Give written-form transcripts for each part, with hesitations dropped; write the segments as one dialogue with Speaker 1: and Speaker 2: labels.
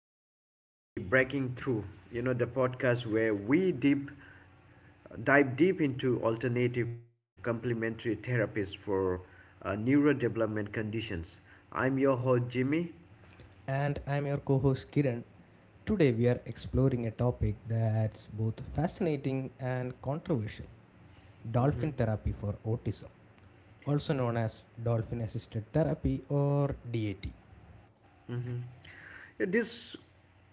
Speaker 1: welcome back to the Breaking Through, the podcast where we deep dive deep into alternative and complementary therapies for neurodevelopment conditions. I'm your host, Jimmy.
Speaker 2: And I'm your co host Kiran. Today we are exploring a topic that's both fascinating and controversial dolphin therapy for autism, also known as dolphin assisted therapy or DAT.
Speaker 1: Mhm. Yeah, this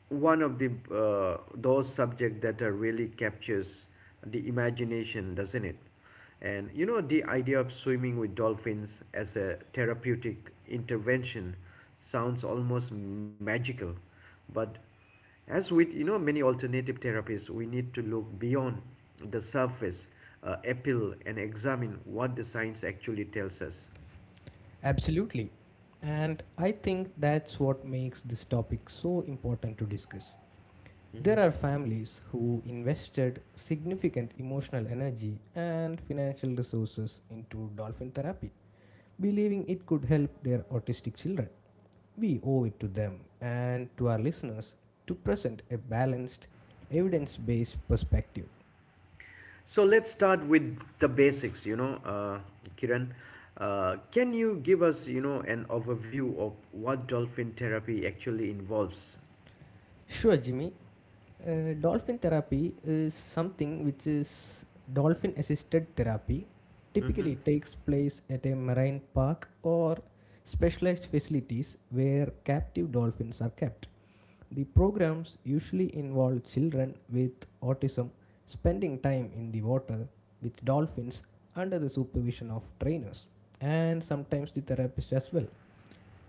Speaker 1: one of the those subject that really captures the imagination, doesn't it? And the idea of swimming with dolphins as a therapeutic intervention sounds almost magical, but as with many alternative therapies, we need to look beyond the surface appeal and examine what the science actually tells us.
Speaker 2: Absolutely. And I think that's what makes this topic so important to discuss. There are families who invested significant emotional energy and financial resources into dolphin therapy, believing it could help their autistic children. We owe it to them and to our listeners to present a balanced, evidence based perspective.
Speaker 1: So let's start with the basics, Kiran. Can you give us, an overview of what dolphin therapy actually involves?
Speaker 2: Sure, Jimmy. Dolphin therapy is something which is dolphin assisted therapy. Typically,
Speaker 1: Hmm.
Speaker 2: takes place at a marine park or specialized facilities where captive dolphins are kept. The programs usually involve children with autism spending time in the water with dolphins under the supervision of trainers and sometimes the therapist as well.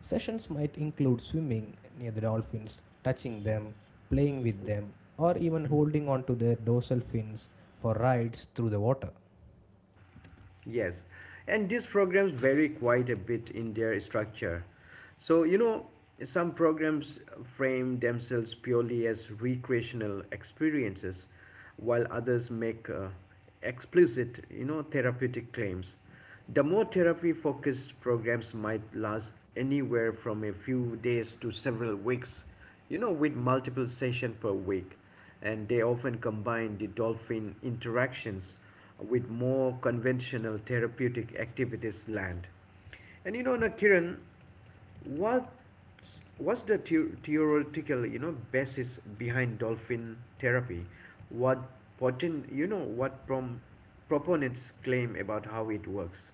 Speaker 2: Sessions might include swimming near the dolphins, touching them, playing with them, or even holding onto their dorsal fins for rides through the water.
Speaker 1: Yes, and these programs vary quite a bit in their structure. So, some programs frame themselves purely as recreational experiences, while others make explicit, therapeutic claims. The more therapy focused programs might last anywhere from a few days to several weeks, with multiple sessions per week. And they often combine the dolphin interactions with more conventional therapeutic activities land. And now, Kiran, what, what's the theoretical, basis behind dolphin therapy? What potent, you know, what prom, proponents claim about how it works?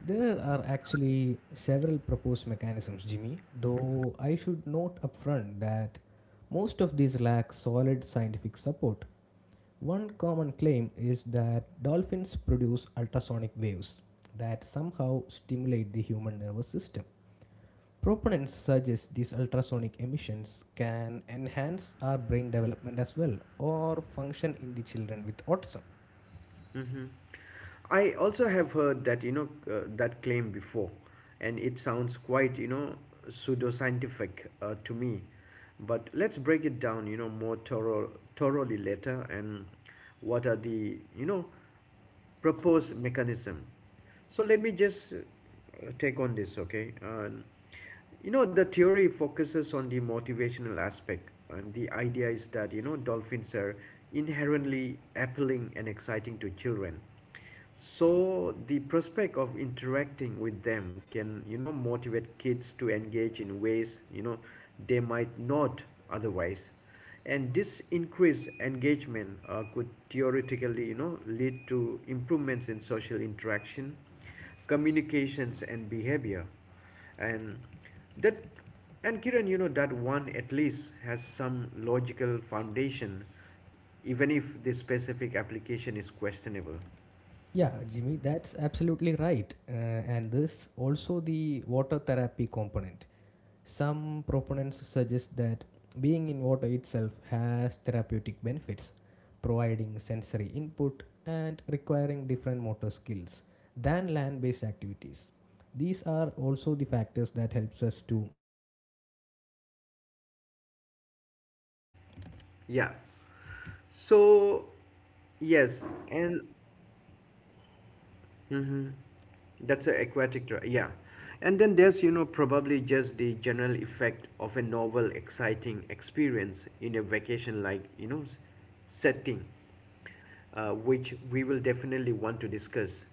Speaker 2: There are actually several proposed mechanisms, Jimmy, though I should note upfront that most of these lack solid scientific support. One common claim is that dolphins produce ultrasonic waves that somehow stimulate the human nervous system. Proponents suggest these ultrasonic emissions can enhance our brain development as well or function in the children with autism.
Speaker 1: Mm-hmm. I also have heard that you know that claim before, and it sounds quite pseudoscientific to me. But let's break it down, thoroughly later. And what are the proposed mechanism? So let me just take on this, okay? The theory focuses on the motivational aspect, and the idea is that dolphins are inherently appealing and exciting to children, so the prospect of interacting with them can motivate kids to engage in ways they might not otherwise, and this increased engagement could theoretically lead to improvements in social interaction, communications and behavior. And that, and Kiran, that one at least has some logical foundation, even if the specific application is questionable.
Speaker 2: Yeah, Jimmy, that's absolutely right. And this also the water therapy component. Some proponents suggest that being in water itself has therapeutic benefits, providing sensory input and requiring different motor skills than land-based activities. These are also the factors that helps us to enlighten our brains, like as the dolphin is seen as adding an
Speaker 1: Yeah.
Speaker 2: extra motivational element to the
Speaker 1: So,
Speaker 2: aquatic therapy.
Speaker 1: yes, and mhm, that's a aquatic, r- yeah. And then there's, probably just the general effect of a novel, exciting experience in a vacation like, setting, which we will definitely want to discuss.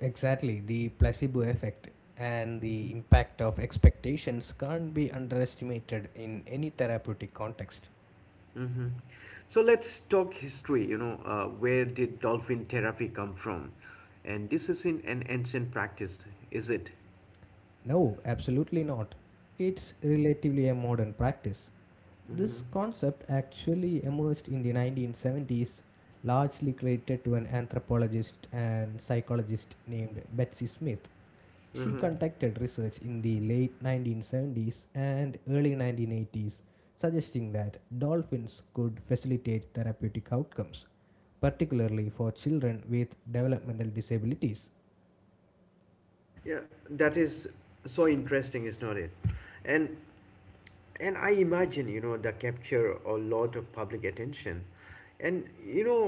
Speaker 2: Exactly, the placebo effect and the impact of expectations can't be underestimated in any therapeutic context.
Speaker 1: Hmm. So let's talk history, where did dolphin therapy come from? And this isn't an ancient practice, is it?
Speaker 2: No, absolutely not. It's relatively a modern practice. This
Speaker 1: Mm-hmm.
Speaker 2: concept actually emerged in the 1970s, largely credited to an anthropologist and psychologist named Betsy Smith. She conducted research in the late 1970s and early 1980s, suggesting that dolphins could facilitate therapeutic outcomes, particularly for children with developmental disabilities.
Speaker 1: Yeah, that is so interesting is not it. And and I imagine that capture a lot of public attention. And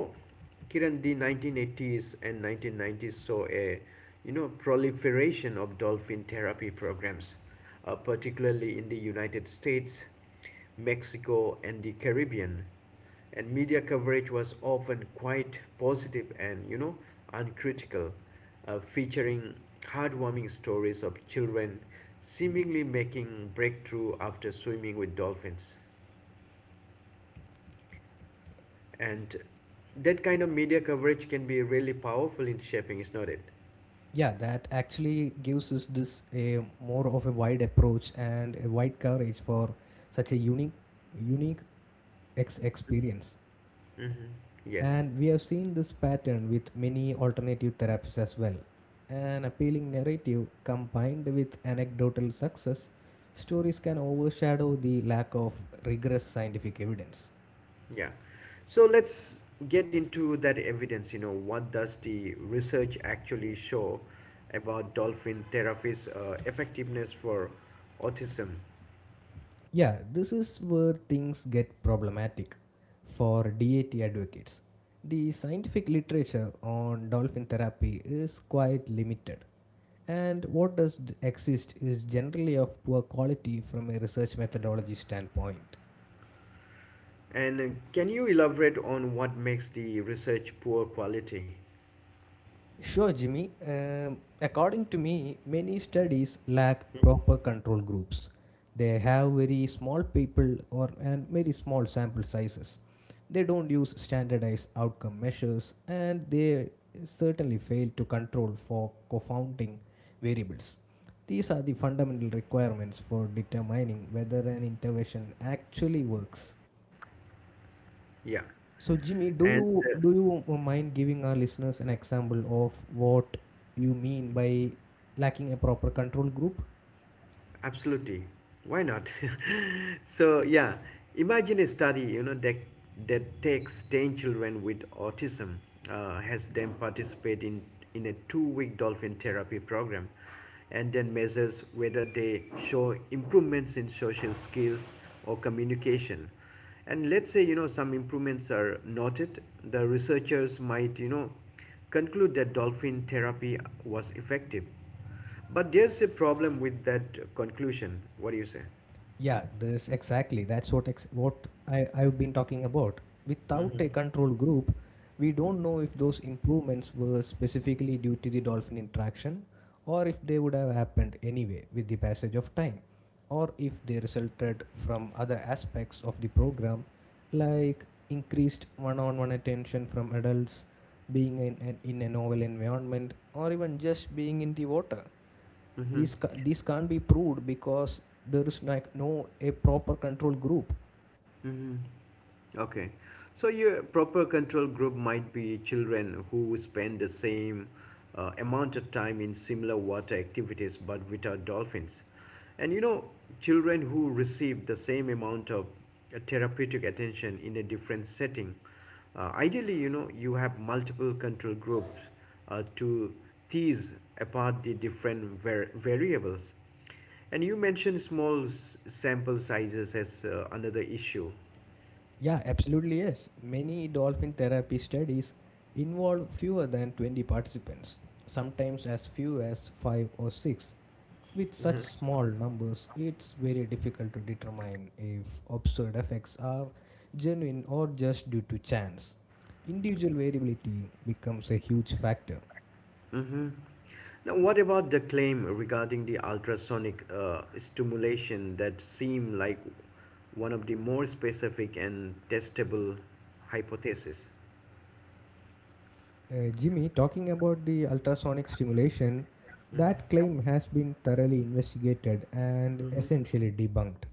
Speaker 1: Kiran, the 1980s and 1990s saw a proliferation of dolphin therapy programs, particularly in the United States, Mexico and the Caribbean. And media coverage was often quite positive and uncritical, featuring heartwarming stories of children seemingly making breakthrough after swimming with dolphins. And that kind of media coverage can be really powerful in shaping, is not it?
Speaker 2: Yeah, that actually gives us this a more of a wide approach and a wide coverage for such a unique, unique ex- experience.
Speaker 1: Mm-hmm. Yes.
Speaker 2: And we have seen this pattern with many alternative therapies as well. An appealing narrative combined with anecdotal success stories can overshadow the lack of rigorous scientific evidence.
Speaker 1: Yeah. So let's get into that evidence. What does the research actually show about dolphin therapy's effectiveness for autism?
Speaker 2: Yeah, this is where things get problematic for DAT advocates. The scientific literature on dolphin therapy is quite limited, and what does exist is generally of poor quality from a research methodology standpoint.
Speaker 1: And can you elaborate on what makes the research poor quality?
Speaker 2: Sure, Jimmy. According to me, many studies lack proper control groups. They have very small people or and very small sample sizes. They don't use standardized outcome measures and they certainly fail to control for confounding variables. These are the fundamental requirements for determining whether an intervention actually works.
Speaker 1: Yeah.
Speaker 2: So, Jimmy, do
Speaker 1: And
Speaker 2: you do you mind giving our listeners an example of what you mean by lacking a proper control group?
Speaker 1: absolutely, why not? So yeah, imagine a study that takes 10 children with autism, has them participate in a 2-week dolphin therapy program, and then measures whether they show improvements in social skills or communication. And let's say some improvements are noted. The researchers might conclude that dolphin therapy was effective. But there's a problem with that conclusion. What do you say?
Speaker 2: Yeah, this exactly. That's what I've been talking about. Without a control group, we don't know if those improvements were specifically due to the dolphin interaction or if they would have happened anyway with the passage of time or if they resulted from other aspects of the program like increased one-on-one attention from adults being in a novel environment or even just being in the water.
Speaker 1: Mm-hmm.
Speaker 2: These can't be proved because there is like no a proper control group.
Speaker 1: Mm-hmm. Okay. So your proper control group might be children who spend the same amount of time in similar water activities but without dolphins. And children who receive the same amount of therapeutic attention in a different setting. Ideally, you have multiple control groups to tease apart the different variables. And you mentioned small sample sizes as another issue.
Speaker 2: Yeah, absolutely yes. Many dolphin therapy studies involve fewer than 20 participants, sometimes as few as 5 or 6. With such small numbers, it's very difficult to determine if observed effects are genuine or just due to chance. Individual variability becomes a huge factor.
Speaker 1: Mm-hmm. Now, what about the claim regarding the ultrasonic stimulation that seem like one of the more specific and testable hypotheses?
Speaker 2: Jimmy, talking about the ultrasonic stimulation, that claim has been thoroughly investigated and essentially debunked.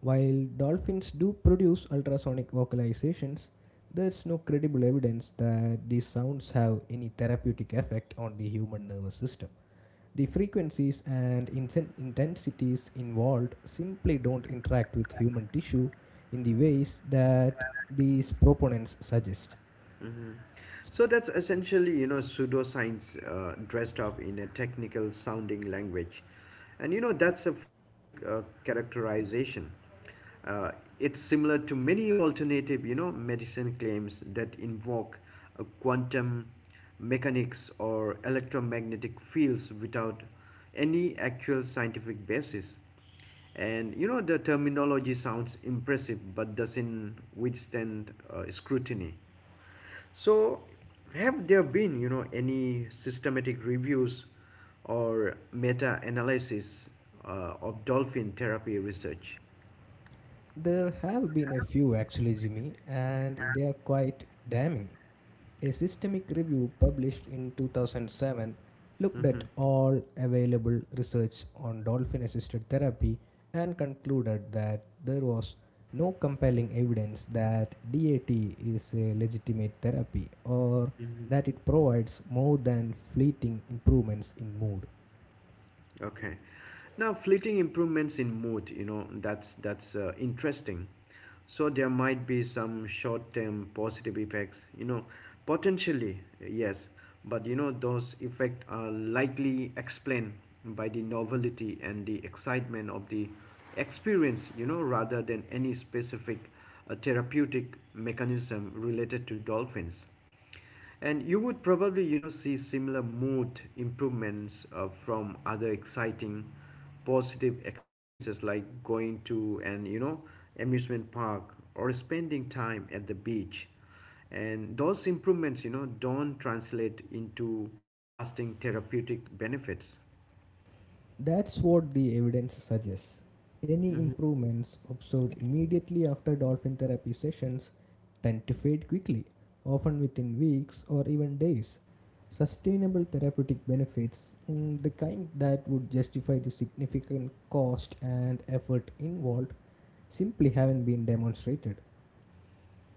Speaker 2: While dolphins do produce ultrasonic vocalizations, there's no credible evidence that these sounds have any therapeutic effect on the human nervous system. The frequencies and intensities involved simply don't interact with human tissue in the ways that these proponents suggest.
Speaker 1: So that's essentially, pseudoscience dressed up in a technical sounding language. And, that's a fair characterization. Uh, it's similar to many alternative, medicine claims that invoke quantum mechanics or electromagnetic fields without any actual scientific basis. And the terminology sounds impressive but doesn't withstand scrutiny. So, have there been, any systematic reviews or meta-analysis of dolphin therapy research?
Speaker 2: There have been a few actually, Jimmy, and they are quite damning. A systemic review published in 2007 looked at all available research on dolphin assisted therapy and concluded that there was no compelling evidence that DAT is a legitimate therapy or that it provides more than fleeting improvements in mood.
Speaker 1: Okay. Now, fleeting improvements in mood, that's interesting. So there might be some short-term positive effects, potentially, yes, but those effects are likely explained by the novelty and the excitement of the experience, rather than any specific therapeutic mechanism related to dolphins. And you would probably, see similar mood improvements from other exciting, positive experiences like going to an, amusement park or spending time at the beach. And those improvements, don't translate into lasting therapeutic benefits.
Speaker 2: That's what the evidence suggests. Any improvements observed immediately after dolphin therapy sessions tend to fade quickly, often within weeks or even days. Sustainable therapeutic benefits, the kind that would justify the significant cost and effort involved, simply haven't been demonstrated.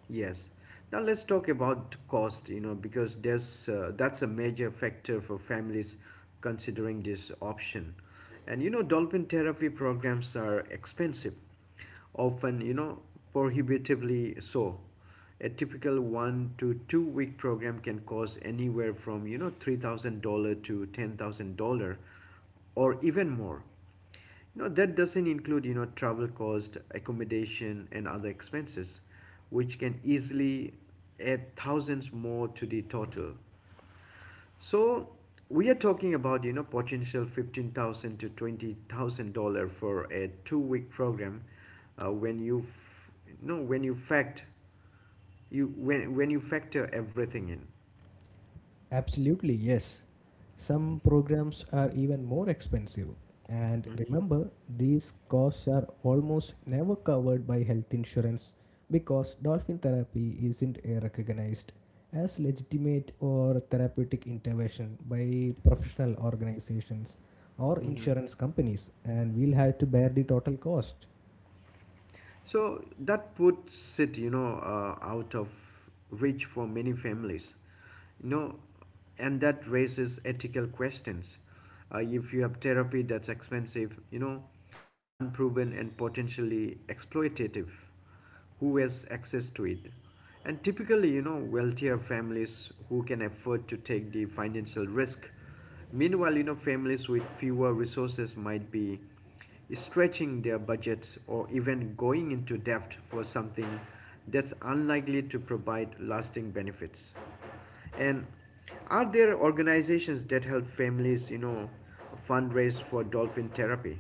Speaker 1: Yes. Now let's talk about cost, because there's that's a major factor for families considering this option. And dolphin therapy programs are expensive, often, prohibitively so. A typical 1 to 2 week program can cost anywhere from, $3,000 to $10,000 or even more. That doesn't include, travel cost, accommodation, and other expenses, which can easily add thousands more to the total. So we are talking about, potential $15,000 to $20,000 for a 2-week program, when you, f- no, when you fact, you when you factor everything
Speaker 2: Absolutely, yes. Some programs are even more expensive. And
Speaker 1: in.
Speaker 2: remember, these costs are almost never covered by health insurance because dolphin therapy isn't recognized as legitimate or therapeutic intervention by professional organizations or
Speaker 1: Hmm.
Speaker 2: insurance companies, and we'll have to bear the total cost.
Speaker 1: So that puts it, out of reach for many families. you know and that raises ethical questions, if you have therapy that's expensive, unproven and potentially exploitative, who has access to it? And typically, wealthier families who can afford to take the financial risk. Meanwhile, families with fewer resources might be stretching their budgets or even going into debt for something that's unlikely to provide lasting benefits. And are there organizations that help families, fundraise for dolphin therapy?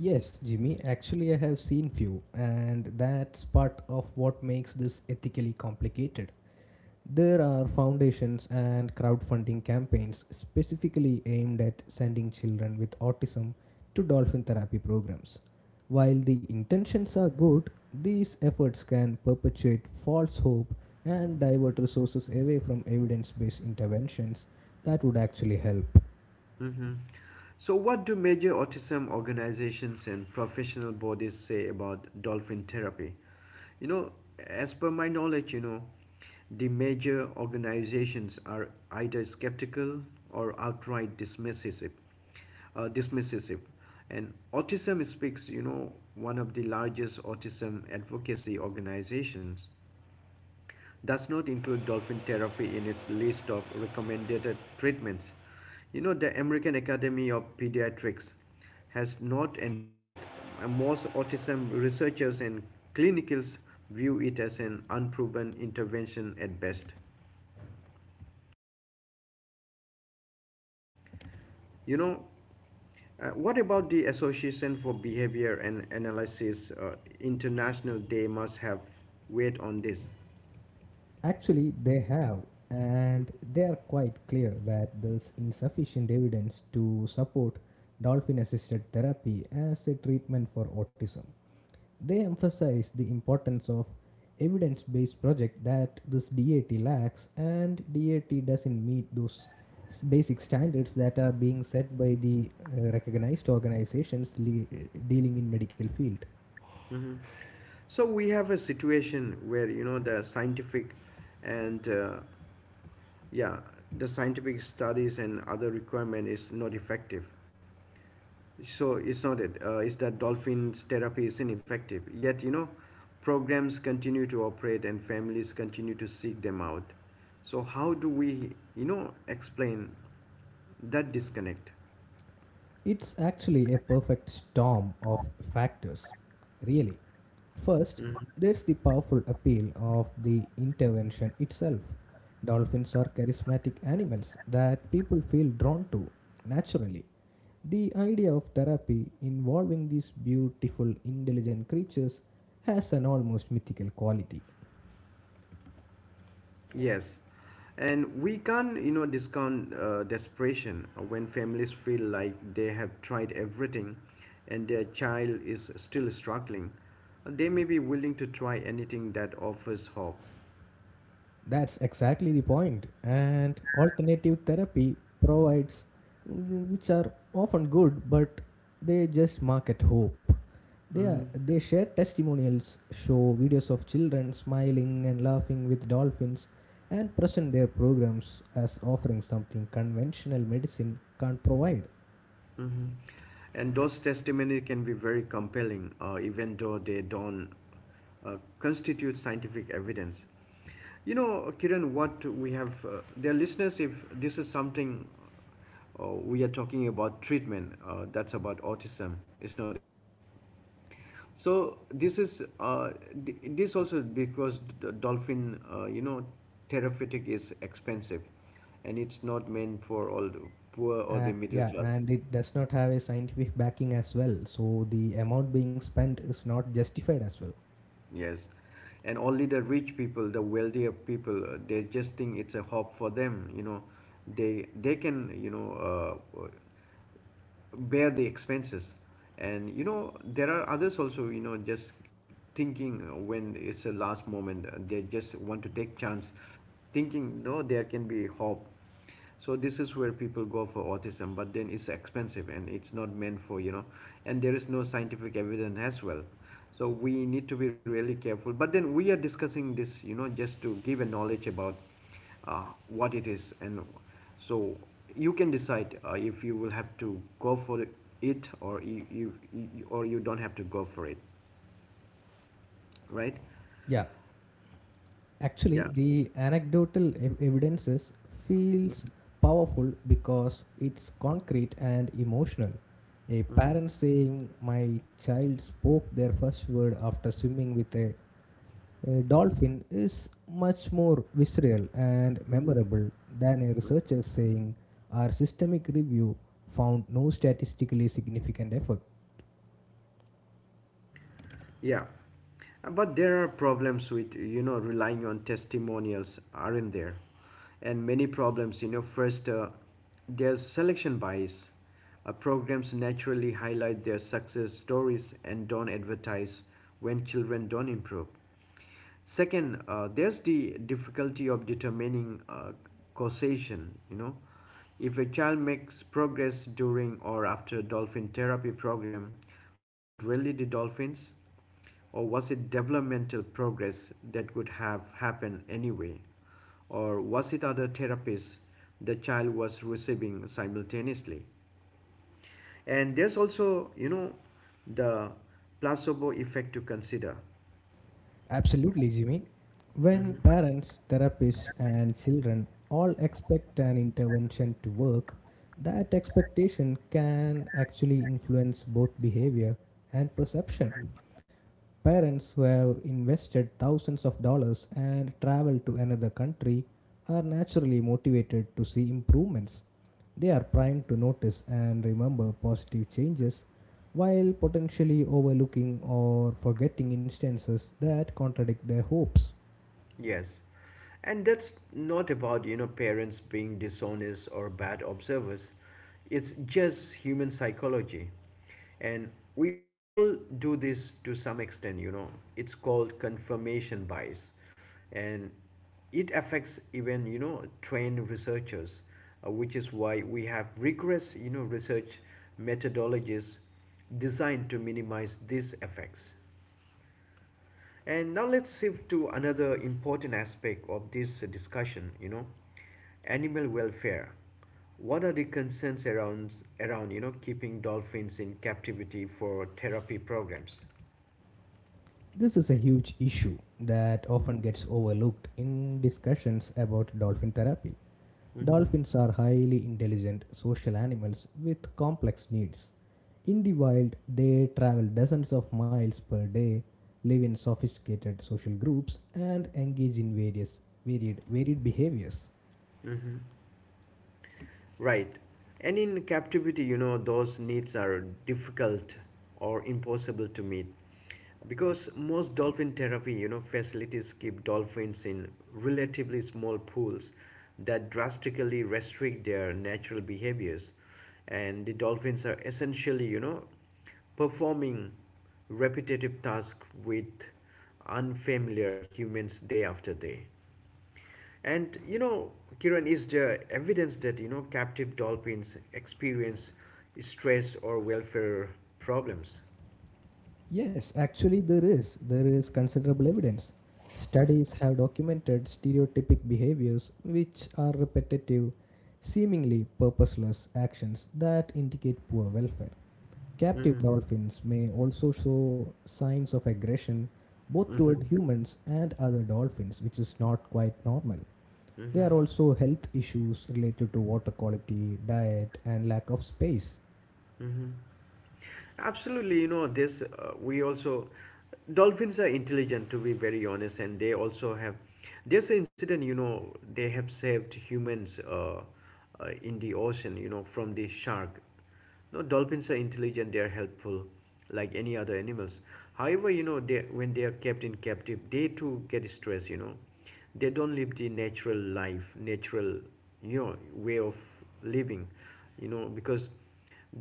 Speaker 2: Yes, Jimmy, actually, I have seen few, and that's part of what makes this ethically complicated. There are foundations and crowdfunding campaigns specifically aimed at sending children with autism to dolphin therapy programs. While the intentions are good, these efforts can perpetuate false hope and divert resources away from evidence based interventions that would actually help.
Speaker 1: Hmm. So, what do major autism organizations and professional bodies say about dolphin therapy? You know, as per my knowledge, the major organizations are either skeptical or outright dismissive. Dismisses And Autism Speaks, one of the largest autism advocacy organizations, does not include dolphin therapy in its list of recommended treatments. The American Academy of Pediatrics has not endorsed it. Most autism researchers and clinicals view it as an unproven intervention at best. You know, what about the Association for Behavior and Analysis International? They must have weight on this.
Speaker 2: Actually, they have, and they are quite clear that there's insufficient evidence to support dolphin assisted therapy as a treatment for autism. They emphasize the importance of evidence based project that this DAT lacks and DAT doesn't meet those basic standards that are being set by the recognized organizations le- dealing in medical field.
Speaker 1: Mhm. So we have a situation where the scientific and yeah the scientific studies and other requirement is not effective. So it's not it's that dolphins therapy is ineffective. Yet programs continue to operate and families continue to seek them out. So how do we explain that disconnect?
Speaker 2: It's actually a perfect storm of factors, really. First, there's the powerful appeal of the intervention itself. Dolphins are charismatic animals that people feel drawn to naturally. The idea of therapy involving these beautiful, intelligent creatures has an almost mythical quality.
Speaker 1: Yes, and we can't, discount desperation when families feel like they have tried everything and their child is still struggling. They may be willing to try anything that offers hope.
Speaker 2: That's exactly the point. And alternative therapy provides, which are often good, but they just market hope. They, are,
Speaker 1: Mhm.
Speaker 2: they share testimonials, show videos of children smiling and laughing with dolphins, and present their programs as offering something conventional medicine can't provide.
Speaker 1: Hmm. And those testimony can be very compelling, even though they don't uh, constitute scientific evidence. You know, Kiran, what we have, dear listeners, if this is something we are talking about treatment, that's about autism, is not it? So this is uh, this also because dolphin, uh, you know, therapeutic is expensive, and it's not meant for all the poor or
Speaker 2: Uh,
Speaker 1: the middle
Speaker 2: yeah,
Speaker 1: class.
Speaker 2: and it does not have a scientific backing as well, so the amount being spent is not justified as well.
Speaker 1: Yes. And only the rich people, the wealthier people, they just think it's a hope for them, They can, bear the expenses. And there are others also just thinking when it's a last moment, they just want to take chance, thinking no there can be hope. So this is where people go for autism, but then it's expensive and it's not meant for and there is no scientific evidence as well. So we need to be really careful, but then we are discussing this just to give a knowledge about what it is. And so you can decide if you will have to go for it, or you or you don't have to go for it, right?
Speaker 2: Yeah, actually,
Speaker 1: Yeah.
Speaker 2: the anecdotal evidences feels powerful because it's concrete and emotional. A parent saying, "My child spoke their first word after swimming with a A dolphin is much more visceral and memorable than a researcher saying our systemic review found no statistically significant effect.
Speaker 1: Yeah, but there are problems with relying on testimonials, aren't there? And many problems, First, there's selection bias. Programs naturally highlight their success stories and don't advertise when children don't improve. Second, there's the difficulty of determining causation. You know, if a child makes progress during or after dolphin therapy program, was it really the dolphins or was it developmental progress that could have happened anyway? Or was it other therapies the child was receiving simultaneously? And there's also, the placebo effect to consider.
Speaker 2: Absolutely, Jimmy. When parents, therapists, and children all expect an intervention to work, that expectation can actually influence both behavior and perception. Parents who have invested thousands of dollars and traveled to another country are naturally motivated to see improvements. They are primed to notice and remember positive changes while potentially overlooking or forgetting instances that contradict their hopes.
Speaker 1: Yes. And that's not about, you know, parents being dishonest or bad observers. It's just human psychology. And we all do this to some extent. It's called confirmation bias. And it affects even trained researchers, which is why we have rigorous research methodologies designed to minimize these effects. And now let's shift to another important aspect of this discussion, you know, animal welfare. What are the concerns around you know, keeping dolphins in captivity for therapy programs?
Speaker 2: This is a huge issue that often gets overlooked in discussions about dolphin therapy. Dolphins are highly intelligent social animals with complex needs. In the wild, they travel dozens of miles per day, live in sophisticated social groups, and engage in various varied behaviors.
Speaker 1: Right. And in captivity, you know, those needs are difficult or impossible to meet because most dolphin therapy, you know, facilities keep dolphins in relatively small pools that drastically restrict their natural behaviors. And the dolphins are essentially, you know, performing repetitive tasks with unfamiliar humans day after day. And you know, Kiran, is there evidence that you know captive dolphins experience stress or welfare problems?
Speaker 2: Yes, actually there is considerable evidence. Studies have documented stereotypic behaviors which are repetitive, seemingly purposeless actions that indicate poor welfare. Captive
Speaker 1: Mm-hmm.
Speaker 2: dolphins may also show signs of aggression both toward humans and other dolphins, which is not quite normal. There
Speaker 1: Mm-hmm.
Speaker 2: are also health issues related to water quality, diet, and lack of space.
Speaker 1: Mm-hmm. Absolutely, you know, this we also dolphins are intelligent to be very honest, and they also have. There's an incident, you know, they have saved humans in the ocean, you know, from this shark. No, dolphins are intelligent, they are helpful like any other animals. However, you know, they when they are kept in captive, they too get stressed, you know they don't live the natural life natural you know way of living, you know because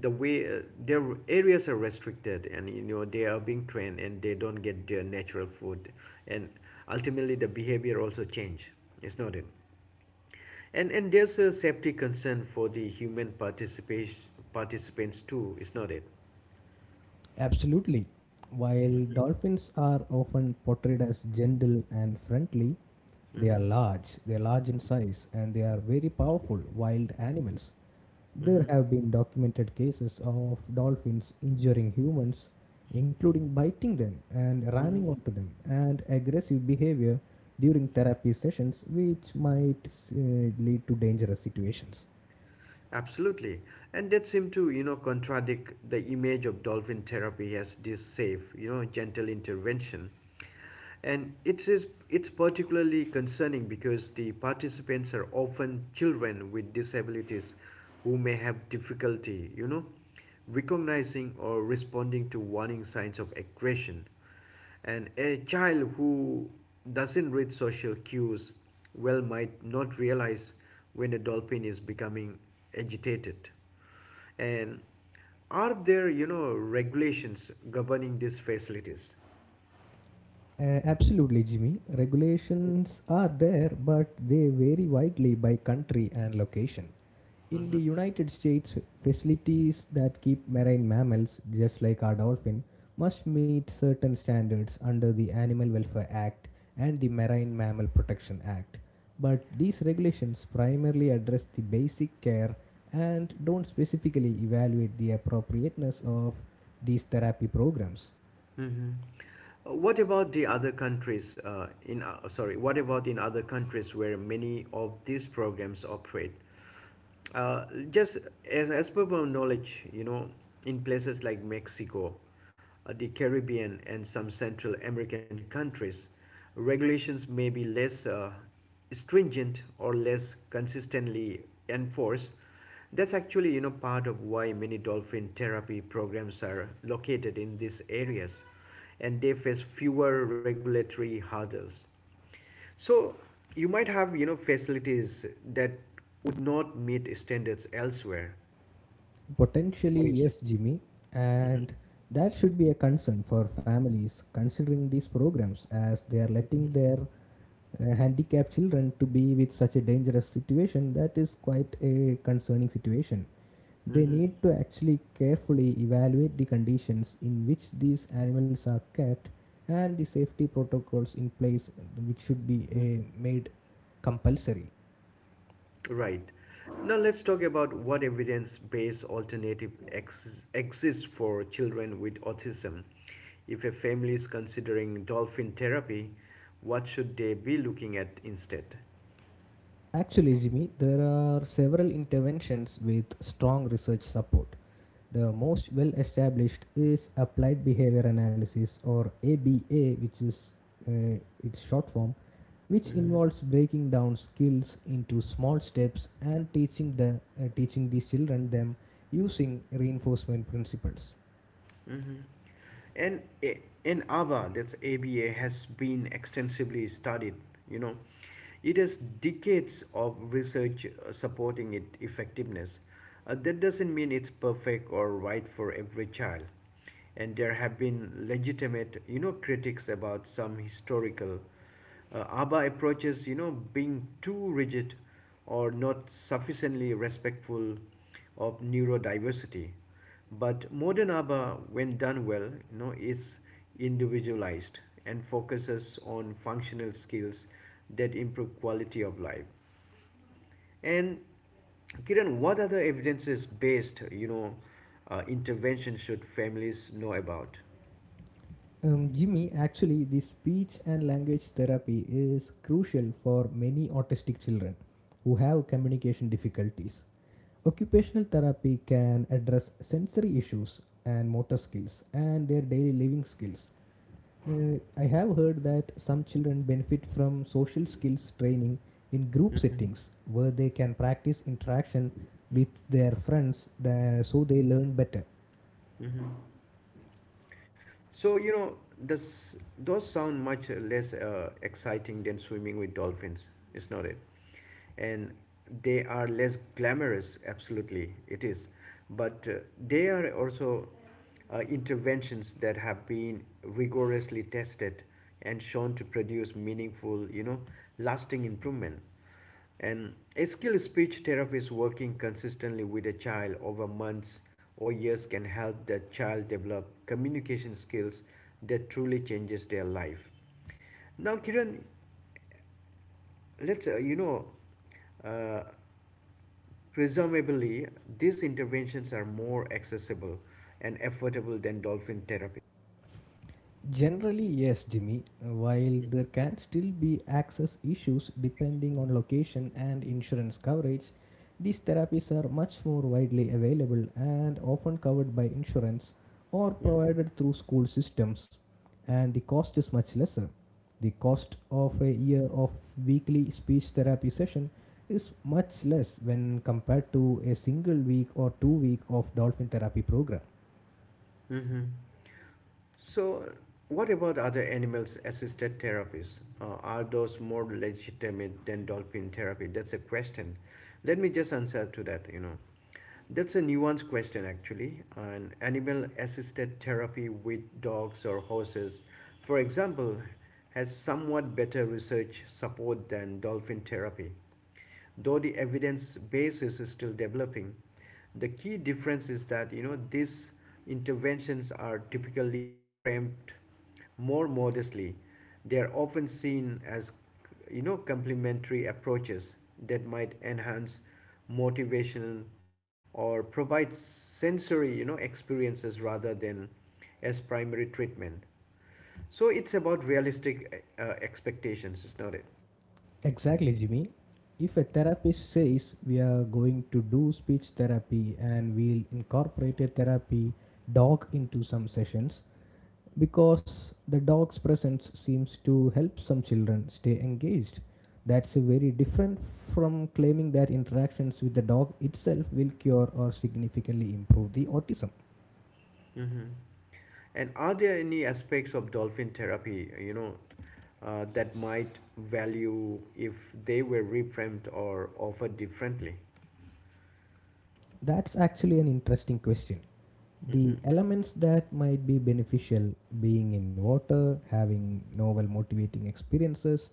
Speaker 1: the way their areas are restricted, and you know they are being trained and they don't get their natural food, and ultimately the behavior also change it's not it And there's a safety concern for the human participation participants too, it's not it
Speaker 2: Absolutely. While dolphins are often portrayed as gentle and friendly,
Speaker 1: mm-hmm.
Speaker 2: they are large in size, and they are very powerful wild animals. There have been documented cases of dolphins injuring humans, including biting them and ramming
Speaker 1: Mm-hmm.
Speaker 2: onto them, and aggressive behavior during therapy sessions, which might lead to dangerous situations.
Speaker 1: Absolutely. And that seemed to, you know, contradict the image of dolphin therapy as this safe, you know, gentle intervention. And it's particularly concerning because the participants are often children with disabilities who may have difficulty, you know, recognizing or responding to warning signs of aggression. And a child who doesn't read social cues well might not realize when a dolphin is becoming agitated. And are there, you know, regulations governing these facilities?
Speaker 2: Absolutely, Jimmy. Regulations are there, but they vary widely by country and location. In the United States, facilities that keep marine mammals, just like our dolphin, must meet certain standards under the Animal Welfare Act and the Marine Mammal Protection Act. But these regulations primarily address the basic care and don't specifically evaluate the appropriateness of these therapy programs.
Speaker 1: Mm-hmm. What about the other countries in sorry, what about in other countries where many of these programs operate? Just as per my knowledge, you know, in places like Mexico, the Caribbean, and some Central American countries, regulations may be less stringent or less consistently enforced. That's actually, you know, part of why many dolphin therapy programs are located in these areas and they face fewer regulatory hurdles. So you might have you know facilities that would not meet standards elsewhere. What
Speaker 2: Potentially,
Speaker 1: do you say?
Speaker 2: yes, Jimmy,
Speaker 1: Hmm.
Speaker 2: and that should be a concern for families considering these programs as they are letting their handicapped children to be with such a dangerous situation that is quite a concerning situation. They
Speaker 1: Hmm.
Speaker 2: need to actually carefully evaluate the conditions in which these animals are kept and the safety protocols in place which should be
Speaker 1: Hmm.
Speaker 2: made compulsory.
Speaker 1: Right. Now let's talk about what evidence-based alternative exists for children with autism. If a family is considering dolphin therapy, what should they be looking at instead?
Speaker 2: Actually, Jimmy, there are several interventions with strong research support. The most well established is applied behavior analysis or ABA, which is uh, its short form, which
Speaker 1: Mm-hmm.
Speaker 2: involves breaking down skills into small steps and teaching the teaching these children them using reinforcement principles.
Speaker 1: Mm-hmm. And ABBA, that's ABA, has been extensively studied. You know, it has decades of research supporting its effectiveness. That doesn't mean it's perfect or right for every child. And there have been legitimate, you know, critics about some historical ABBA approaches, you know, being too rigid or not sufficiently respectful of neurodiversity. But modern ABBA, when done well, you know, is individualized and focuses on functional skills that improve quality of life. And Kiran, what other evidence-based, you know, intervention should families know about?
Speaker 2: Jimmy, actually, the speech and language therapy is crucial for many autistic children who have communication difficulties. Occupational therapy can address sensory issues and motor skills and their daily living skills. I have heard that some children benefit from social skills training in group
Speaker 1: Hmm.
Speaker 2: settings where they can practice interaction with their friends so they learn better.
Speaker 1: Hmm. So you know, this those sound much less exciting than swimming with dolphins. It's not it, and they are less glamorous. Absolutely, it is, but they are also interventions that have been rigorously tested and shown to produce meaningful, you know, lasting improvement. And a skilled speech therapist working consistently with a child over months or years can help the child develop communication skills that truly changes their life. Now, Kiran, let's uh, presumably these interventions are more accessible and affordable than dolphin therapy.
Speaker 2: Generally, yes, Jimmy. While there can still be access issues depending on location and insurance coverage, these therapies are much more widely available and often covered by insurance or
Speaker 1: Mm-hmm.
Speaker 2: provided through school systems, and the cost is much lesser. The cost of a year of weekly speech therapy session is much less when compared to a single week or 2 week of dolphin therapy program.
Speaker 1: Mm-hmm. So, what about other animals assisted therapies? Are those more legitimate than dolphin therapy? That's a question. Let me just answer to that, you know. That's a nuanced question actually. An animal assisted therapy with dogs or horses, for example, has somewhat better research support than dolphin therapy, though the evidence basis is still developing. The key difference is that you know these interventions are typically framed more modestly. They are often seen as you know complementary approaches that might enhance motivation or provide sensory you know experiences rather than as primary treatment. So it's about realistic expectations, is not it?
Speaker 2: Exactly, Jimmy. If a therapist says we are going to do speech therapy and we'll incorporate a therapy dog into some sessions because the dog's presence seems to help some children stay engaged, that's a very different from claiming that interactions with the dog itself will cure or significantly improve the autism.
Speaker 1: Mm-hmm. And are there any aspects of dolphin therapy, you know, that might value if they were reframed or offered differently?
Speaker 2: That's actually an interesting question. The
Speaker 1: Hmm.
Speaker 2: elements that might be beneficial, being in water, having novel motivating experiences,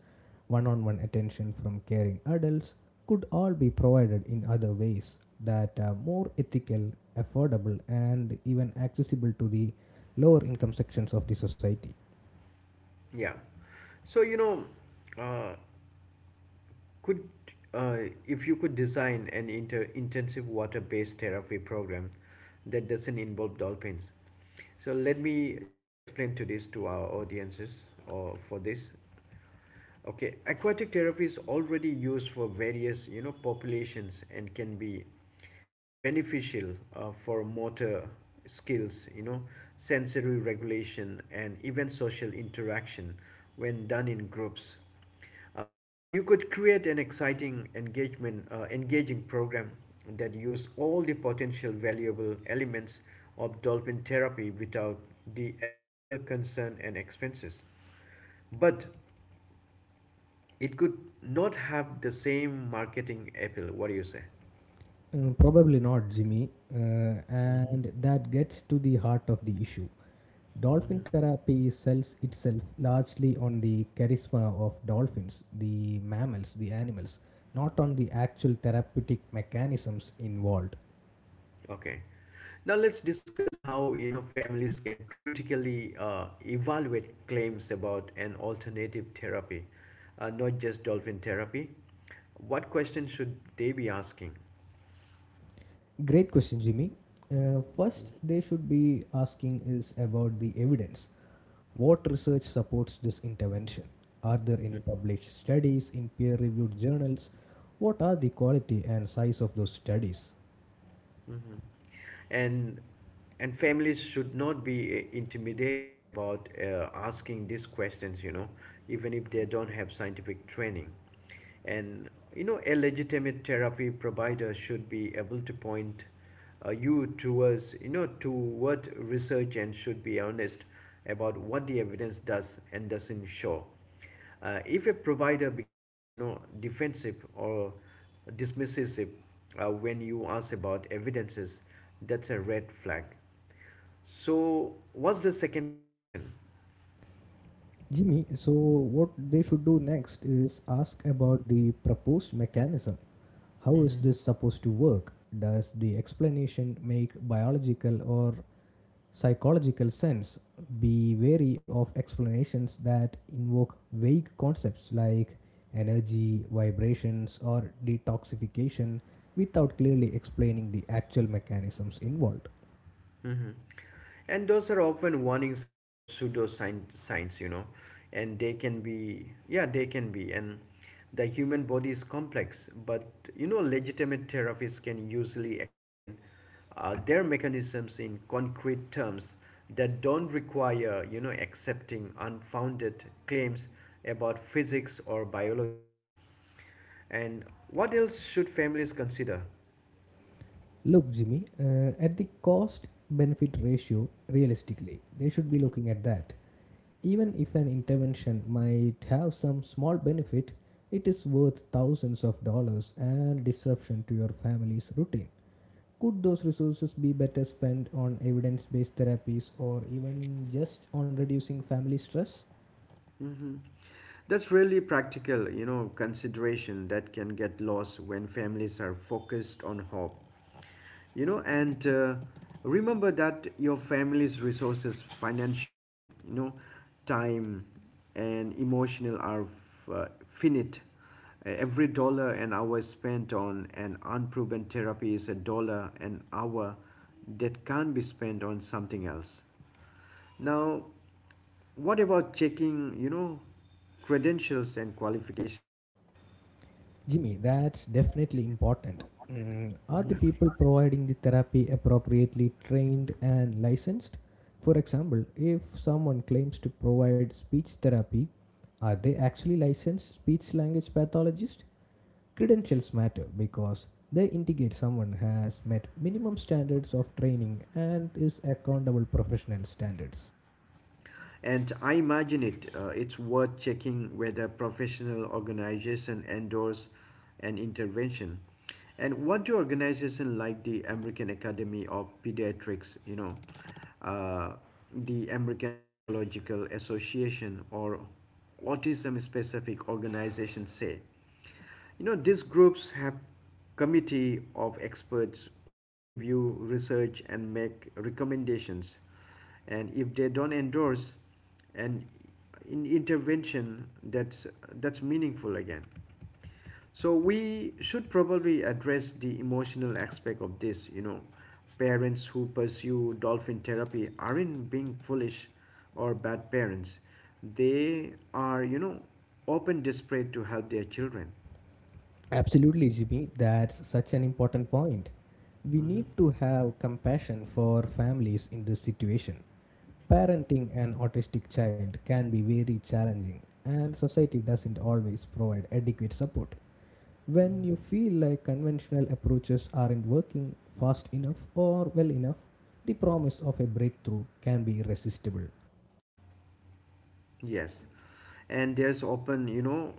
Speaker 2: one-on-one attention from caring adults, could all be provided in other ways that are more ethical, affordable, and even accessible to the lower income sections of the society.
Speaker 1: Yeah. So you know, uh, could uh, if you could design an intensive water-based therapy program that doesn't involve dolphins, so let me just explain to this to our audiences or for this. Okay, aquatic therapy is already used for various, you know, populations and can be beneficial for motor skills, you know, sensory regulation, and even social interaction when done in groups. You could create an engaging program that use all the potential valuable elements of dolphin therapy without the ethical concern and expenses. But it could not have the same marketing appeal, what do you say?
Speaker 2: Probably not, Jimmy. And that gets to the heart of the issue. Dolphin therapy sells itself largely on the charisma of dolphins, the mammals, the animals, not on the actual therapeutic mechanisms involved.
Speaker 1: Okay, now let's discuss how you know families can critically evaluate claims about an alternative therapy, not just dolphin therapy. What questions should they be asking?
Speaker 2: Great question, Jimmy. First, they should be asking is about the evidence. What research supports this intervention? Are there any published studies in peer reviewed journals? What are the quality and size of those studies?
Speaker 1: Hmm. And and families should not be intimidated about asking these questions, you know, even if they don't have scientific training. And you know, a legitimate therapy provider should be able to point you towards you know toward research and should be honest about what the evidence does and doesn't show. If a provider becomes, you know, defensive or dismissive when you ask about evidences, that's a red flag. So, what's the second question?
Speaker 2: Jimmy, so what they should do next is ask about the proposed mechanism. How is
Speaker 1: Mm-hmm.
Speaker 2: this supposed to work? Does the explanation make biological or psychological sense? Be wary of explanations that invoke vague concepts like energy, vibrations, or detoxification without clearly explaining the actual mechanisms involved.
Speaker 1: Mm-hmm. And those are often warning signs of pseudo sign signs, you know. And they can be, yeah, they can be. And the human body is complex, but you know legitimate therapists can usually explain their mechanisms in concrete terms that don't require you know accepting unfounded claims about physics or biology. And what else should families consider?
Speaker 2: Look, Jimmy, at the cost benefit ratio, realistically, they should be looking at that. Even if an intervention might have some small benefit, it is worth thousands of dollars and disruption to your family's routine. Could those resources be better spent on evidence based therapies or even just on reducing family stress?
Speaker 1: Mm-hmm. That's really practical, you know, consideration that can get lost when families are focused on hope. You know, and remember that your family's resources, financial, you know, time and emotional are finite. Every dollar an hour spent on an unproven therapy is a dollar an hour that can't be spent on something else. Now, what about checking, you know, credentials and qualifications?
Speaker 2: Jimmy, that's definitely important. Mm, are the people providing the therapy appropriately trained and licensed? For example, if someone claims to provide speech therapy, are they actually licensed speech language pathologists? Credentials matter because they indicate someone has met minimum standards of training and is accountable professional standards.
Speaker 1: And I imagine it, it's worth checking whether professional organization endorse an intervention. And what do organizations like the American Academy of Pediatrics, you know, uh, the American Psychological Association, or autism specific organizations say? You know, these groups have committee of experts who review research and make recommendations. And if they don't endorse an in intervention, that's meaningful again. So we should probably address the emotional aspect of this. You know, parents who pursue dolphin therapy aren't being foolish or bad parents. They are, you know, open desperate to help their children.
Speaker 2: Absolutely, Jimmy. That's such an important point. We need
Speaker 1: Mhm.
Speaker 2: to have compassion for families in this situation. Parenting an autistic child can be very challenging, and society doesn't always provide adequate support. When you feel like conventional approaches aren't working fast enough or well enough, the promise of a breakthrough can be irresistible.
Speaker 1: Yes, and there's often, you know,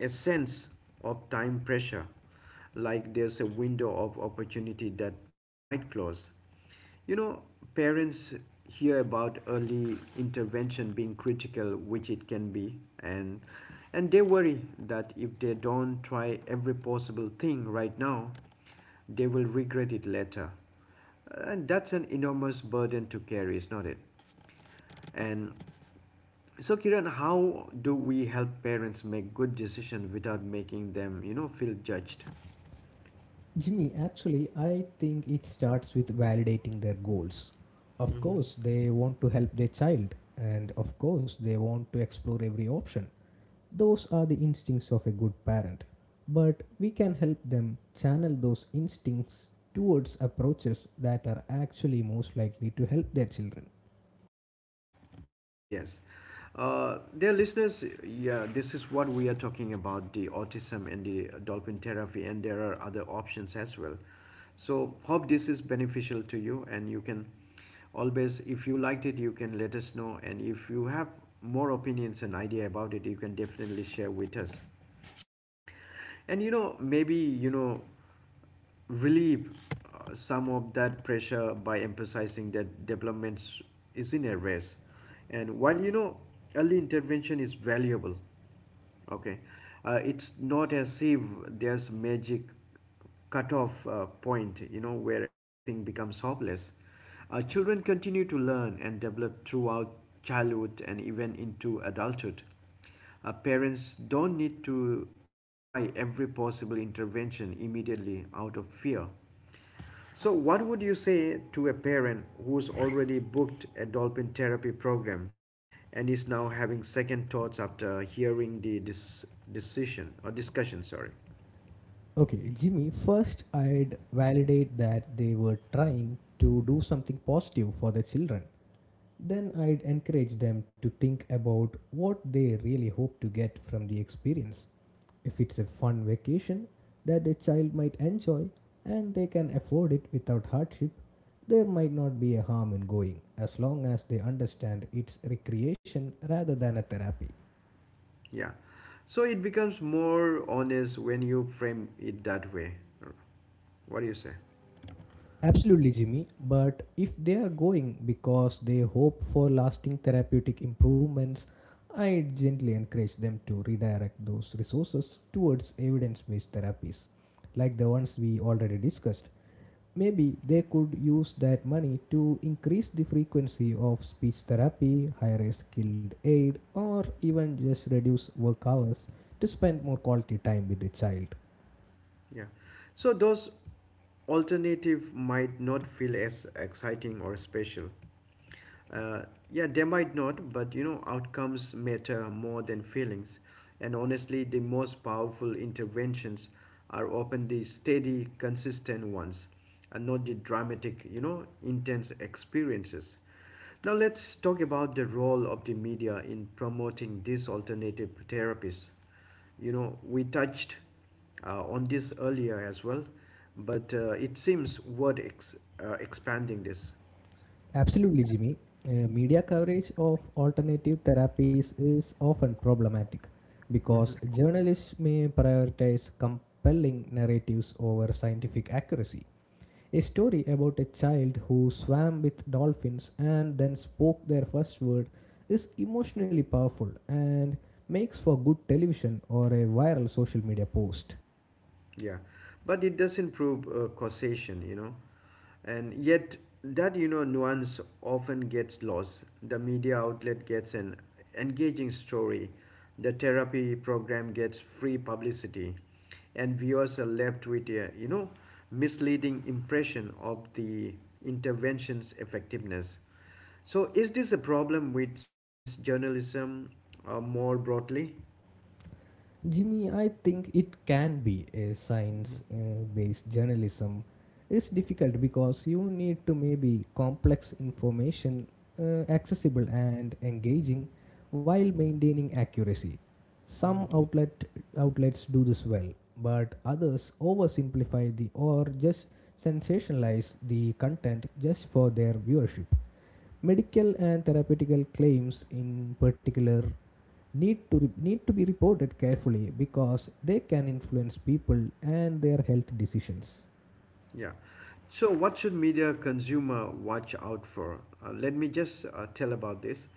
Speaker 1: a sense of time pressure, like there's a window of opportunity that might close. You know, parents hear about early intervention being critical, which it can be, and they worry that if they don't try every possible thing right now, they will regret it later. And that's an enormous burden to carry, is not it? And so Kiran, how do we help parents make good decisions without making them, you know, feel judged?
Speaker 2: Jimmy, actually, I think it starts with validating their goals. Of course, they want to help their child, and of course, they want to explore every option. Those are the instincts of a good parent. But we can help them channel those instincts towards approaches that are actually most likely to help their children.
Speaker 1: Yes. Dear listeners, yeah, this is what we are talking about, the autism and the dolphin therapy, and there are other options as well. So hope this is beneficial to you and you can always, if you liked it, you can let us know. And if you have more opinions and idea about it, you can definitely share with us. And you know maybe you know relieve some of that pressure by emphasizing that development is in a race, and while you know early intervention is valuable, okay, it's not as if there's magic cutoff point, you know, where everything becomes hopeless. Uh, children continue to learn and develop throughout childhood and even into adulthood. Uh, parents don't need to try every possible intervention immediately out of fear. So, what would you say to a parent who's already booked a dolphin therapy program and is now having second thoughts after hearing the dis- decision or discussion? Sorry,
Speaker 2: Okay, Jimmy, first I'd validate that they were trying to do something positive for their children. Then I'd encourage them to think about what they really hope to get from the experience. If it's a fun vacation that a child might enjoy and they can afford it without hardship, there might not be a harm in going as long as they understand it's recreation rather than a therapy.
Speaker 1: yeah. So it becomes more honest when you frame it that way. What do you say?
Speaker 2: Absolutely, Jimmy. But if they are going because they hope for lasting therapeutic improvements, I gently encourage them to redirect those resources towards evidence based therapies, like the ones we already discussed. Maybe they could use that money to increase the frequency of speech therapy, hire a skilled aid, or even just reduce work hours to spend more quality time with the child.
Speaker 1: Yeah. So those alternative might not feel as exciting or special, uh, yeah, they might not, but outcomes matter more than feelings. And honestly, the most powerful interventions are often the steady, consistent ones, and not the dramatic, intense experiences. Now, let's talk about the role of the media in promoting these alternative therapies. You know, we touched on this earlier as well, but it seems worth expanding this.
Speaker 2: Absolutely, Jimmy. Media coverage of alternative therapies is often problematic because journalists may prioritize compelling narratives over scientific accuracy. A story about a child who swam with dolphins and then spoke their first word is emotionally powerful and makes for good television or a viral social media post.
Speaker 1: Yeah, but it doesn't prove causation, you know, and yet that nuance often gets lost. The media outlet gets an engaging story, the therapy program gets free publicity, and viewers are left with a misleading impression of the intervention's effectiveness. So, is this a problem with science journalism more broadly?
Speaker 2: Jimmy, I think it can be a science based journalism is difficult because you need to maybe complex information accessible and engaging while maintaining accuracy. Some
Speaker 1: Mm-hmm.
Speaker 2: outlet outlets do this well, but others oversimplify the or just sensationalize the content just for their viewership. Medical and therapeutical claims, in particular, need to be reported carefully because they can influence people and their health decisions.
Speaker 1: Yeah. So, what should media consumer watch out for? Let me just tell about this.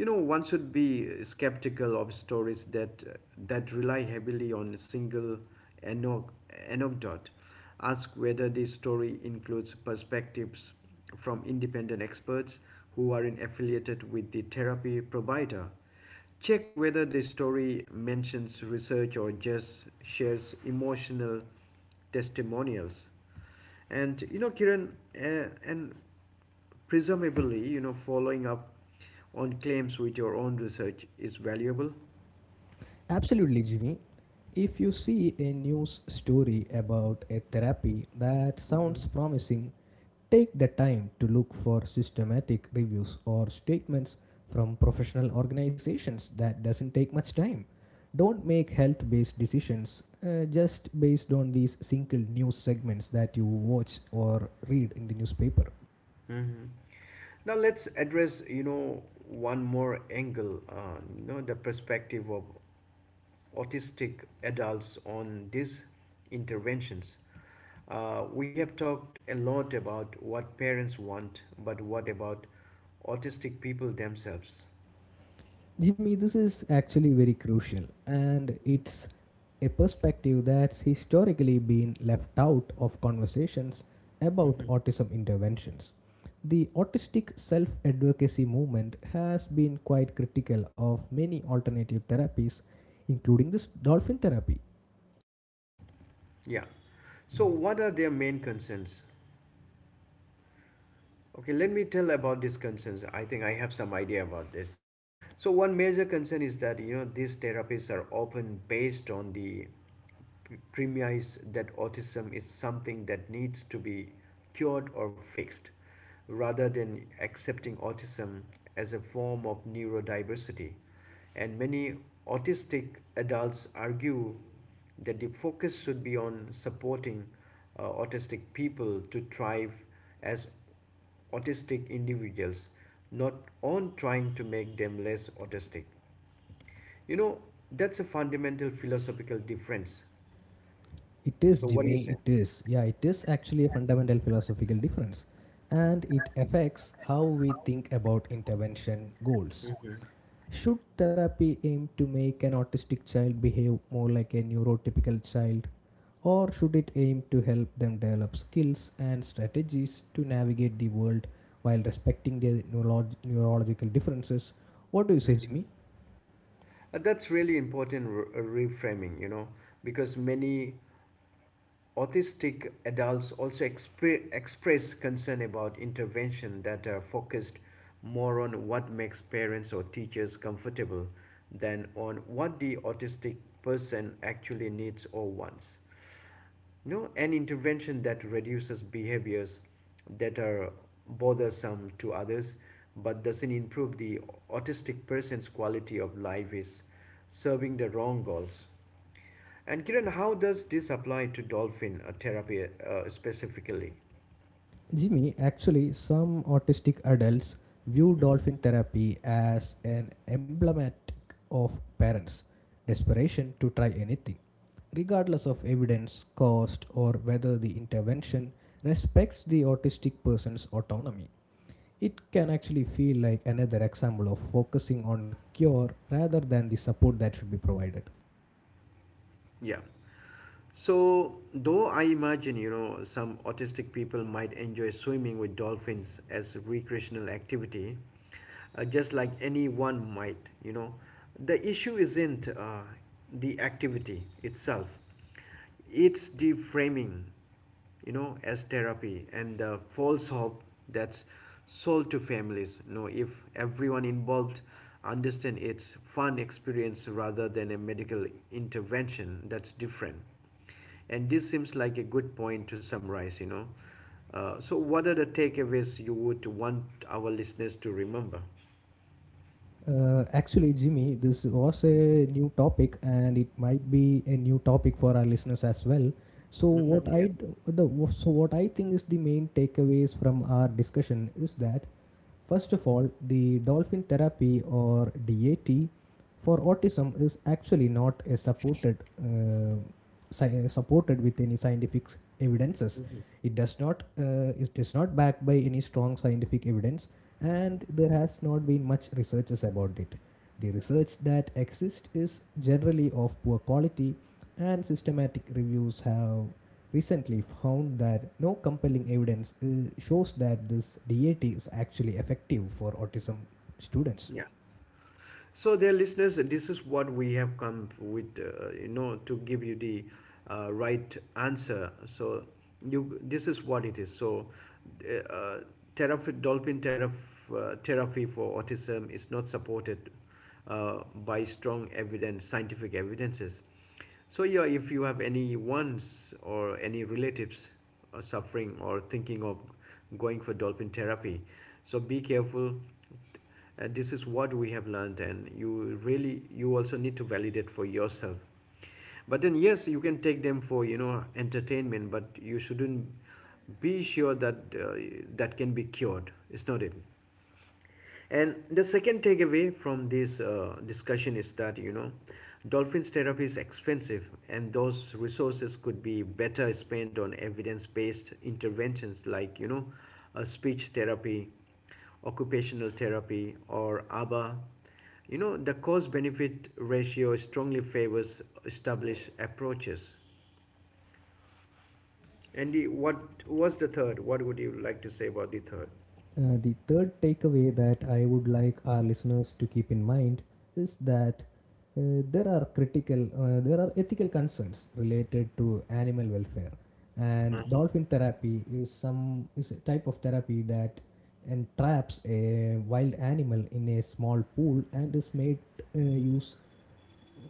Speaker 1: You know, one should be skeptical of stories that that rely heavily on a single ano- anecdote. Ask whether the story includes perspectives from independent experts who are in affiliated with the therapy provider. Check whether the story mentions research or just shares emotional testimonials. And you know, Kiran, and presumably, you know, following up on claims with your own research is valuable.
Speaker 2: Absolutely, Jimmy. If you see a news story about a therapy that sounds
Speaker 1: Mhm.
Speaker 2: promising, take the time to look for systematic reviews or statements from professional organizations that doesn't take much time. Don't make health based decisions just based on these single news segments that you watch or read in the newspaper.
Speaker 1: Mhm. Now let's address, you know, one more angle, you know, the perspective of autistic adults on these interventions. We have talked a lot about what parents want, but what about autistic people themselves?
Speaker 2: Jimmy, this is actually very crucial, and it's a perspective that's historically been left out of conversations about
Speaker 1: Mhm.
Speaker 2: autism interventions. The autistic self advocacy movement has been quite critical of many alternative therapies, including this dolphin therapy.
Speaker 1: Yeah. So, what are their main concerns? Okay, let me tell about these concerns. I think I have some idea about this. So one major concern is that you know these therapies are often based on the premise that autism is something that needs to be cured or fixed, rather than accepting autism as a form of neurodiversity. And many autistic adults argue that the focus should be on supporting autistic people to thrive as autistic individuals, not on trying to make them less autistic. You know, that's a fundamental philosophical difference.
Speaker 2: It is,
Speaker 1: So, what do
Speaker 2: Jimmy.
Speaker 1: you say?
Speaker 2: It is. Yeah, it is actually a fundamental philosophical difference. And it affects how we think about intervention goals. Should therapy aim to make an autistic child behave more like a neurotypical child? Or should it aim to help them develop skills and strategies to navigate the world while respecting their neurological differences? What do you say,
Speaker 1: Mhm.
Speaker 2: Jimmy?
Speaker 1: That's really important reframing, you know, because many autistic adults also express concern about intervention that are focused more on what makes parents or teachers comfortable than on what the autistic person actually needs or wants. You know an intervention that reduces behaviors that are bothersome to others but doesn't improve the autistic person's quality of life is serving the wrong goals. And Kiran, how does this apply to dolphin therapy specifically?
Speaker 2: Jimmy, actually, some autistic adults view dolphin therapy as an emblematic of parents' desperation to try anything, regardless of evidence, cost, or whether the intervention respects the autistic person's autonomy. It can actually feel like another example of focusing on cure rather than the support that should be provided.
Speaker 1: Yeah. So, though I imagine, you know, some autistic people might enjoy swimming with dolphins as a recreational activity, just like anyone might, you know, the issue isn't the activity itself, it's the framing, you know, as therapy and the false hope that's sold to families. You know, if everyone involved understand it's fun experience rather than a medical intervention, that's different. And this seems like a good point to summarize, you know. So, what are the takeaways you would want our listeners to remember?
Speaker 2: Actually, Jimmy, this was a new topic, and it might be a new topic for our listeners as well. So, what
Speaker 1: Hmm.
Speaker 2: I d- the so what I think is the main takeaways from our discussion is that first of all, the dolphin therapy or DAT for autism is actually not a supported supported with any scientific evidences. It does not it is not backed by any strong scientific evidence, and there has not been much researches about it. The research that exists is generally of poor quality, and systematic reviews have recently found that no compelling evidence shows that this DAT is actually effective for autism students.
Speaker 1: Yes. So, dear listeners, this is what we have come with, you know, to give you the right answer. So, you this is what it is. So, uh, dolphin therapy for autism is not supported by strong evidence, scientific evidences. So, yeah, if you have any ones or any relatives suffering or thinking of going for dolphin therapy, so be careful. This is what we have learned, and you really, you also need to validate for yourself, but then yes, you can take them for, you know, entertainment, but you shouldn't be sure that that can be cured. It's not it. And the second takeaway from this discussion is that, you know, dolphins therapy is expensive, and those resources could be better spent on evidence-based interventions like, you know, speech therapy, occupational therapy, or ABA. You know, the cost-benefit ratio strongly favors established approaches. Andy, what was the third? What would you like to say about the 3rd?
Speaker 2: The third takeaway that I would like our listeners to keep in mind is that there are ethical concerns related to animal welfare, and dolphin therapy is some is a type of therapy that entraps a wild animal in a small pool and is made use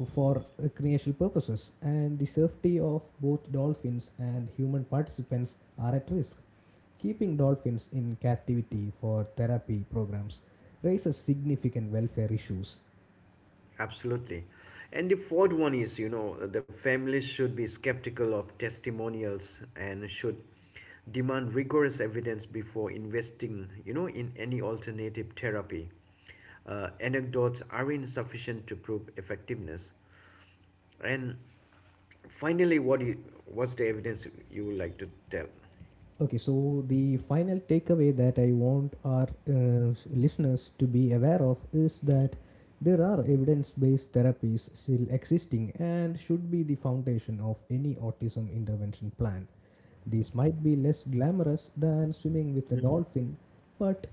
Speaker 2: for recreational purposes, and the safety of both dolphins and human participants are at risk. Keeping dolphins in captivity for therapy programs raises significant welfare issues.
Speaker 1: Absolutely. And the fourth one is, you know, the families should be skeptical of testimonials and should demand rigorous evidence before investing, you know, in any alternative therapy. Anecdotes are insufficient to prove effectiveness. And finally, what's the evidence you would like to tell?
Speaker 2: Okay, so the final takeaway that I want our listeners to be aware of is that there are evidence based therapies still existing and should be the foundation of any autism intervention plan. These might be less glamorous than swimming with a dolphin, but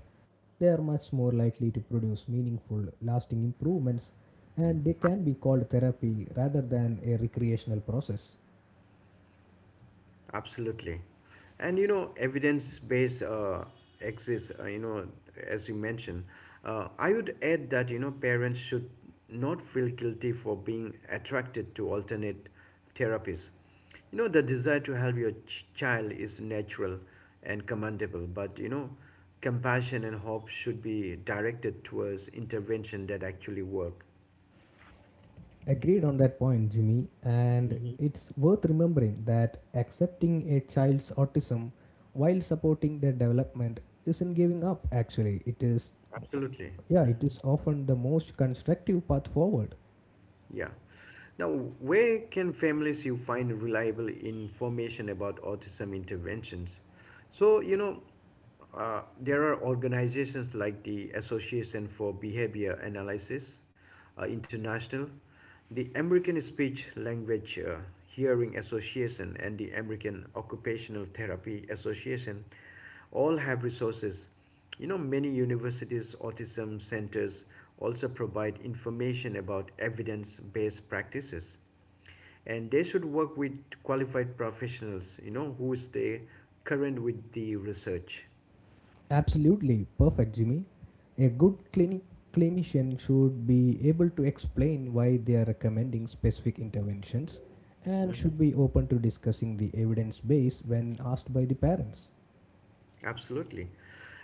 Speaker 2: they are much more likely to produce meaningful, lasting improvements, and they can be called therapy rather than a recreational process.
Speaker 1: Absolutely. And you know, evidence based exists, you know, as you mentioned. I would add that, you know, parents should not feel guilty for being attracted to alternate therapies. You know, the desire to help your child is natural and commendable, but, you know, compassion and hope should be directed towards intervention that actually work.
Speaker 2: Agreed on that point, Jimmy, and
Speaker 1: Hmm.
Speaker 2: it's worth remembering that accepting a child's autism while supporting their development isn't giving up. Actually, it is,
Speaker 1: Absolutely.
Speaker 2: yeah, it
Speaker 1: Hmm.
Speaker 2: is often the most constructive path forward.
Speaker 1: Yeah. Now, where can families you find reliable information about autism interventions? So, you know, there are organizations like the Association for Behavior Analysis International, the American Speech Language Hearing Association, and the American Occupational Therapy Association all have resources. You know, many universities' autism centers also provide information about evidence based practices, and they should work with qualified professionals, you know, who stay current with the research.
Speaker 2: Absolutely perfect, Jimmy. A good clinician should be able to explain why they are recommending specific interventions and
Speaker 1: Mhm.
Speaker 2: should be open to discussing the evidence base when asked by the parents.
Speaker 1: Absolutely.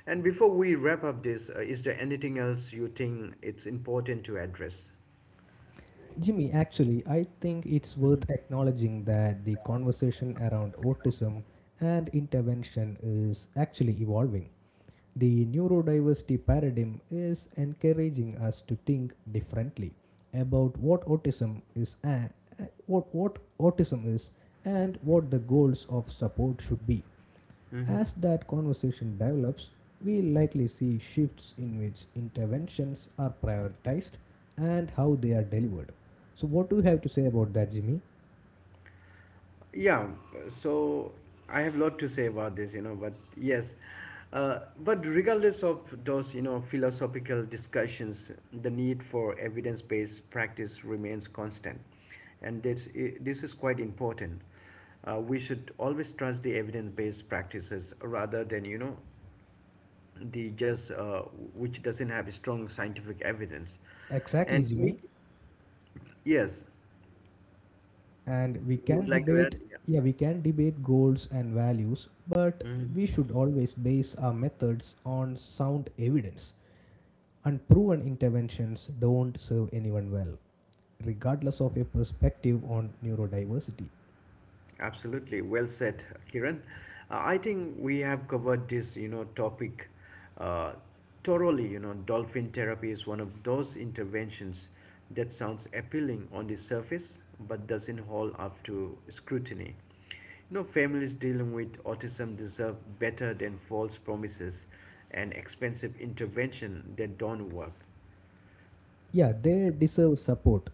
Speaker 1: And before we wrap up this, is there anything else you think it's important to address?
Speaker 2: Jimmy, actually, I think it's worth acknowledging that the conversation around autism and intervention is actually evolving. The neurodiversity paradigm is encouraging us to think differently about what autism is and what, what autism is what the goals of support should be. As that conversation develops, we likely see shifts in which interventions are prioritized and how they are delivered. So, what do you have to say about that, Jimmy?
Speaker 1: Yeah, so I have a lot to say about this, you know, but yes. But regardless of those, you know, philosophical discussions, the need for evidence-based practice remains constant, and this this is quite important. We should always trust the evidence-based practices rather than, you know, the just which doesn't have strong scientific evidence.
Speaker 2: Exactly,
Speaker 1: And we,
Speaker 2: Jimmy.
Speaker 1: yes,
Speaker 2: And we
Speaker 1: you would
Speaker 2: can
Speaker 1: like to add,
Speaker 2: debate
Speaker 1: yeah.
Speaker 2: Yeah, we can debate goals and values, but
Speaker 1: Mhm.
Speaker 2: we should always base our methods on sound evidence. Unproven interventions don't serve anyone well regardless of your perspective on neurodiversity.
Speaker 1: Absolutely, well said, Kiran. I think we have covered this, you know, topic uh, thoroughly. You know, dolphin therapy is one of those interventions that sounds appealing on the surface but doesn't hold up to scrutiny. You know, families dealing with autism deserve better than false promises and expensive intervention that don't work.
Speaker 2: Yeah, they deserve support,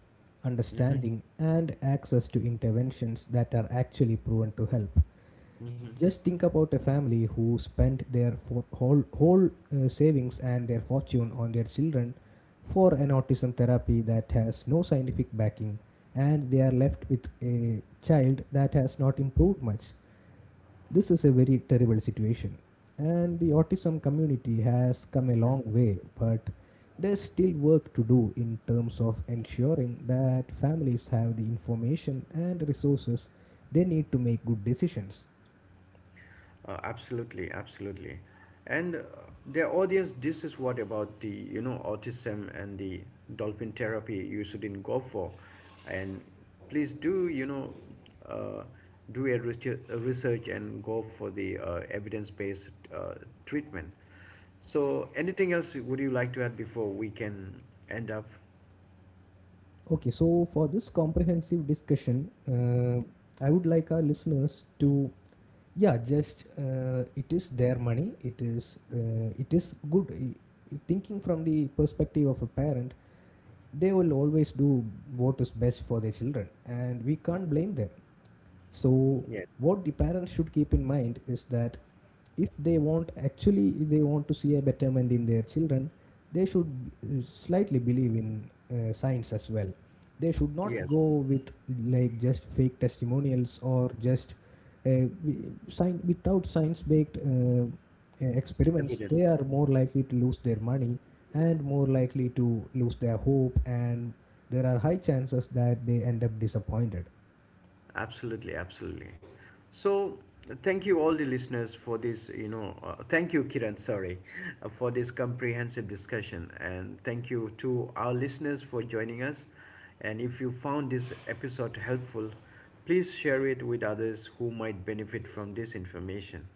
Speaker 1: Mm-hmm.
Speaker 2: understanding, and access to interventions that are actually proven to help.
Speaker 1: Mm-hmm.
Speaker 2: Just think about a family who spent their whole savings and their fortune on their children for an autism therapy that has no scientific backing, and they are left with a child that has not improved much. This is a very terrible situation. And the autism community has come a
Speaker 1: Mm-hmm.
Speaker 2: long way, but there's still work to do in terms of ensuring that families have the information and resources they need to make good decisions.
Speaker 1: Absolutely, absolutely. And their audience, this is what about the, you know, autism and the dolphin therapy you shouldn't go for. And please do, you know, uh, do a research and go for the evidence-based treatment. So anything else would you like to add before we can end up?
Speaker 2: Okay, so for this comprehensive discussion, I would like our listeners to, yeah, just it is their money. It is good. Thinking from the perspective of a parent, they will always do what is best for their children, and we can't blame them. So
Speaker 1: Yes.
Speaker 2: what the parents should keep in mind is that if they want to see a betterment in their children, they should slightly believe in science as well. They should not
Speaker 1: Yes.
Speaker 2: go with like just fake testimonials or just uh, wi- without science baked experiments.
Speaker 1: Evidence.
Speaker 2: They are more likely to lose their money and more likely to lose their hope, and there are high chances that they end up disappointed.
Speaker 1: Absolutely, absolutely. So, thank you all the listeners for this, you know, thank you Kiran, sorry, for this comprehensive discussion and thank you to our listeners for joining us. And if you found this episode helpful, please share it with others who might benefit from this information.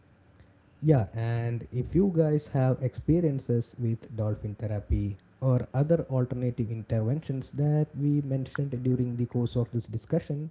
Speaker 2: Yeah, and if you guys have experiences with dolphin therapy or other alternative interventions that we mentioned during the course of this discussion,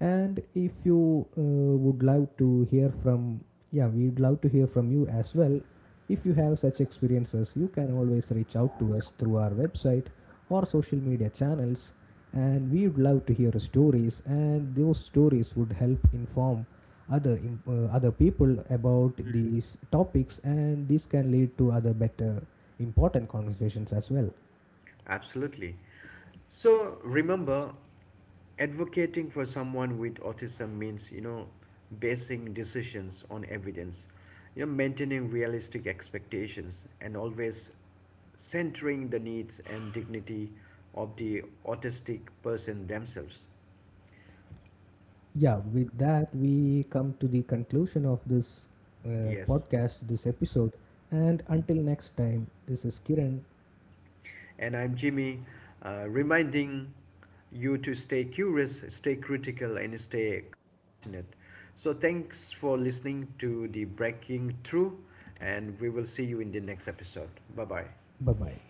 Speaker 2: and if you would love to hear from, yeah, we'd love to hear from you as well. If you have such experiences, you can always reach out to us through our website or social media channels. And we would love to hear your stories, and those stories would help inform other people about these topics, and this can lead to other better important conversations as well.
Speaker 1: Absolutely. So remember, advocating for someone with autism means, you know, basing decisions on evidence, you know, maintaining realistic expectations, and always centering the needs and dignity of the autistic person themselves.
Speaker 2: Yeah, with that, we come to the conclusion of this
Speaker 1: Yes.
Speaker 2: podcast, this episode. And until next time, this is Kiran.
Speaker 1: And I'm Jimmy, reminding you to stay curious, stay critical, and stay compassionate. So, thanks for listening to the Breaking Through, and we will see you in the next episode. Bye bye.
Speaker 2: Bye bye.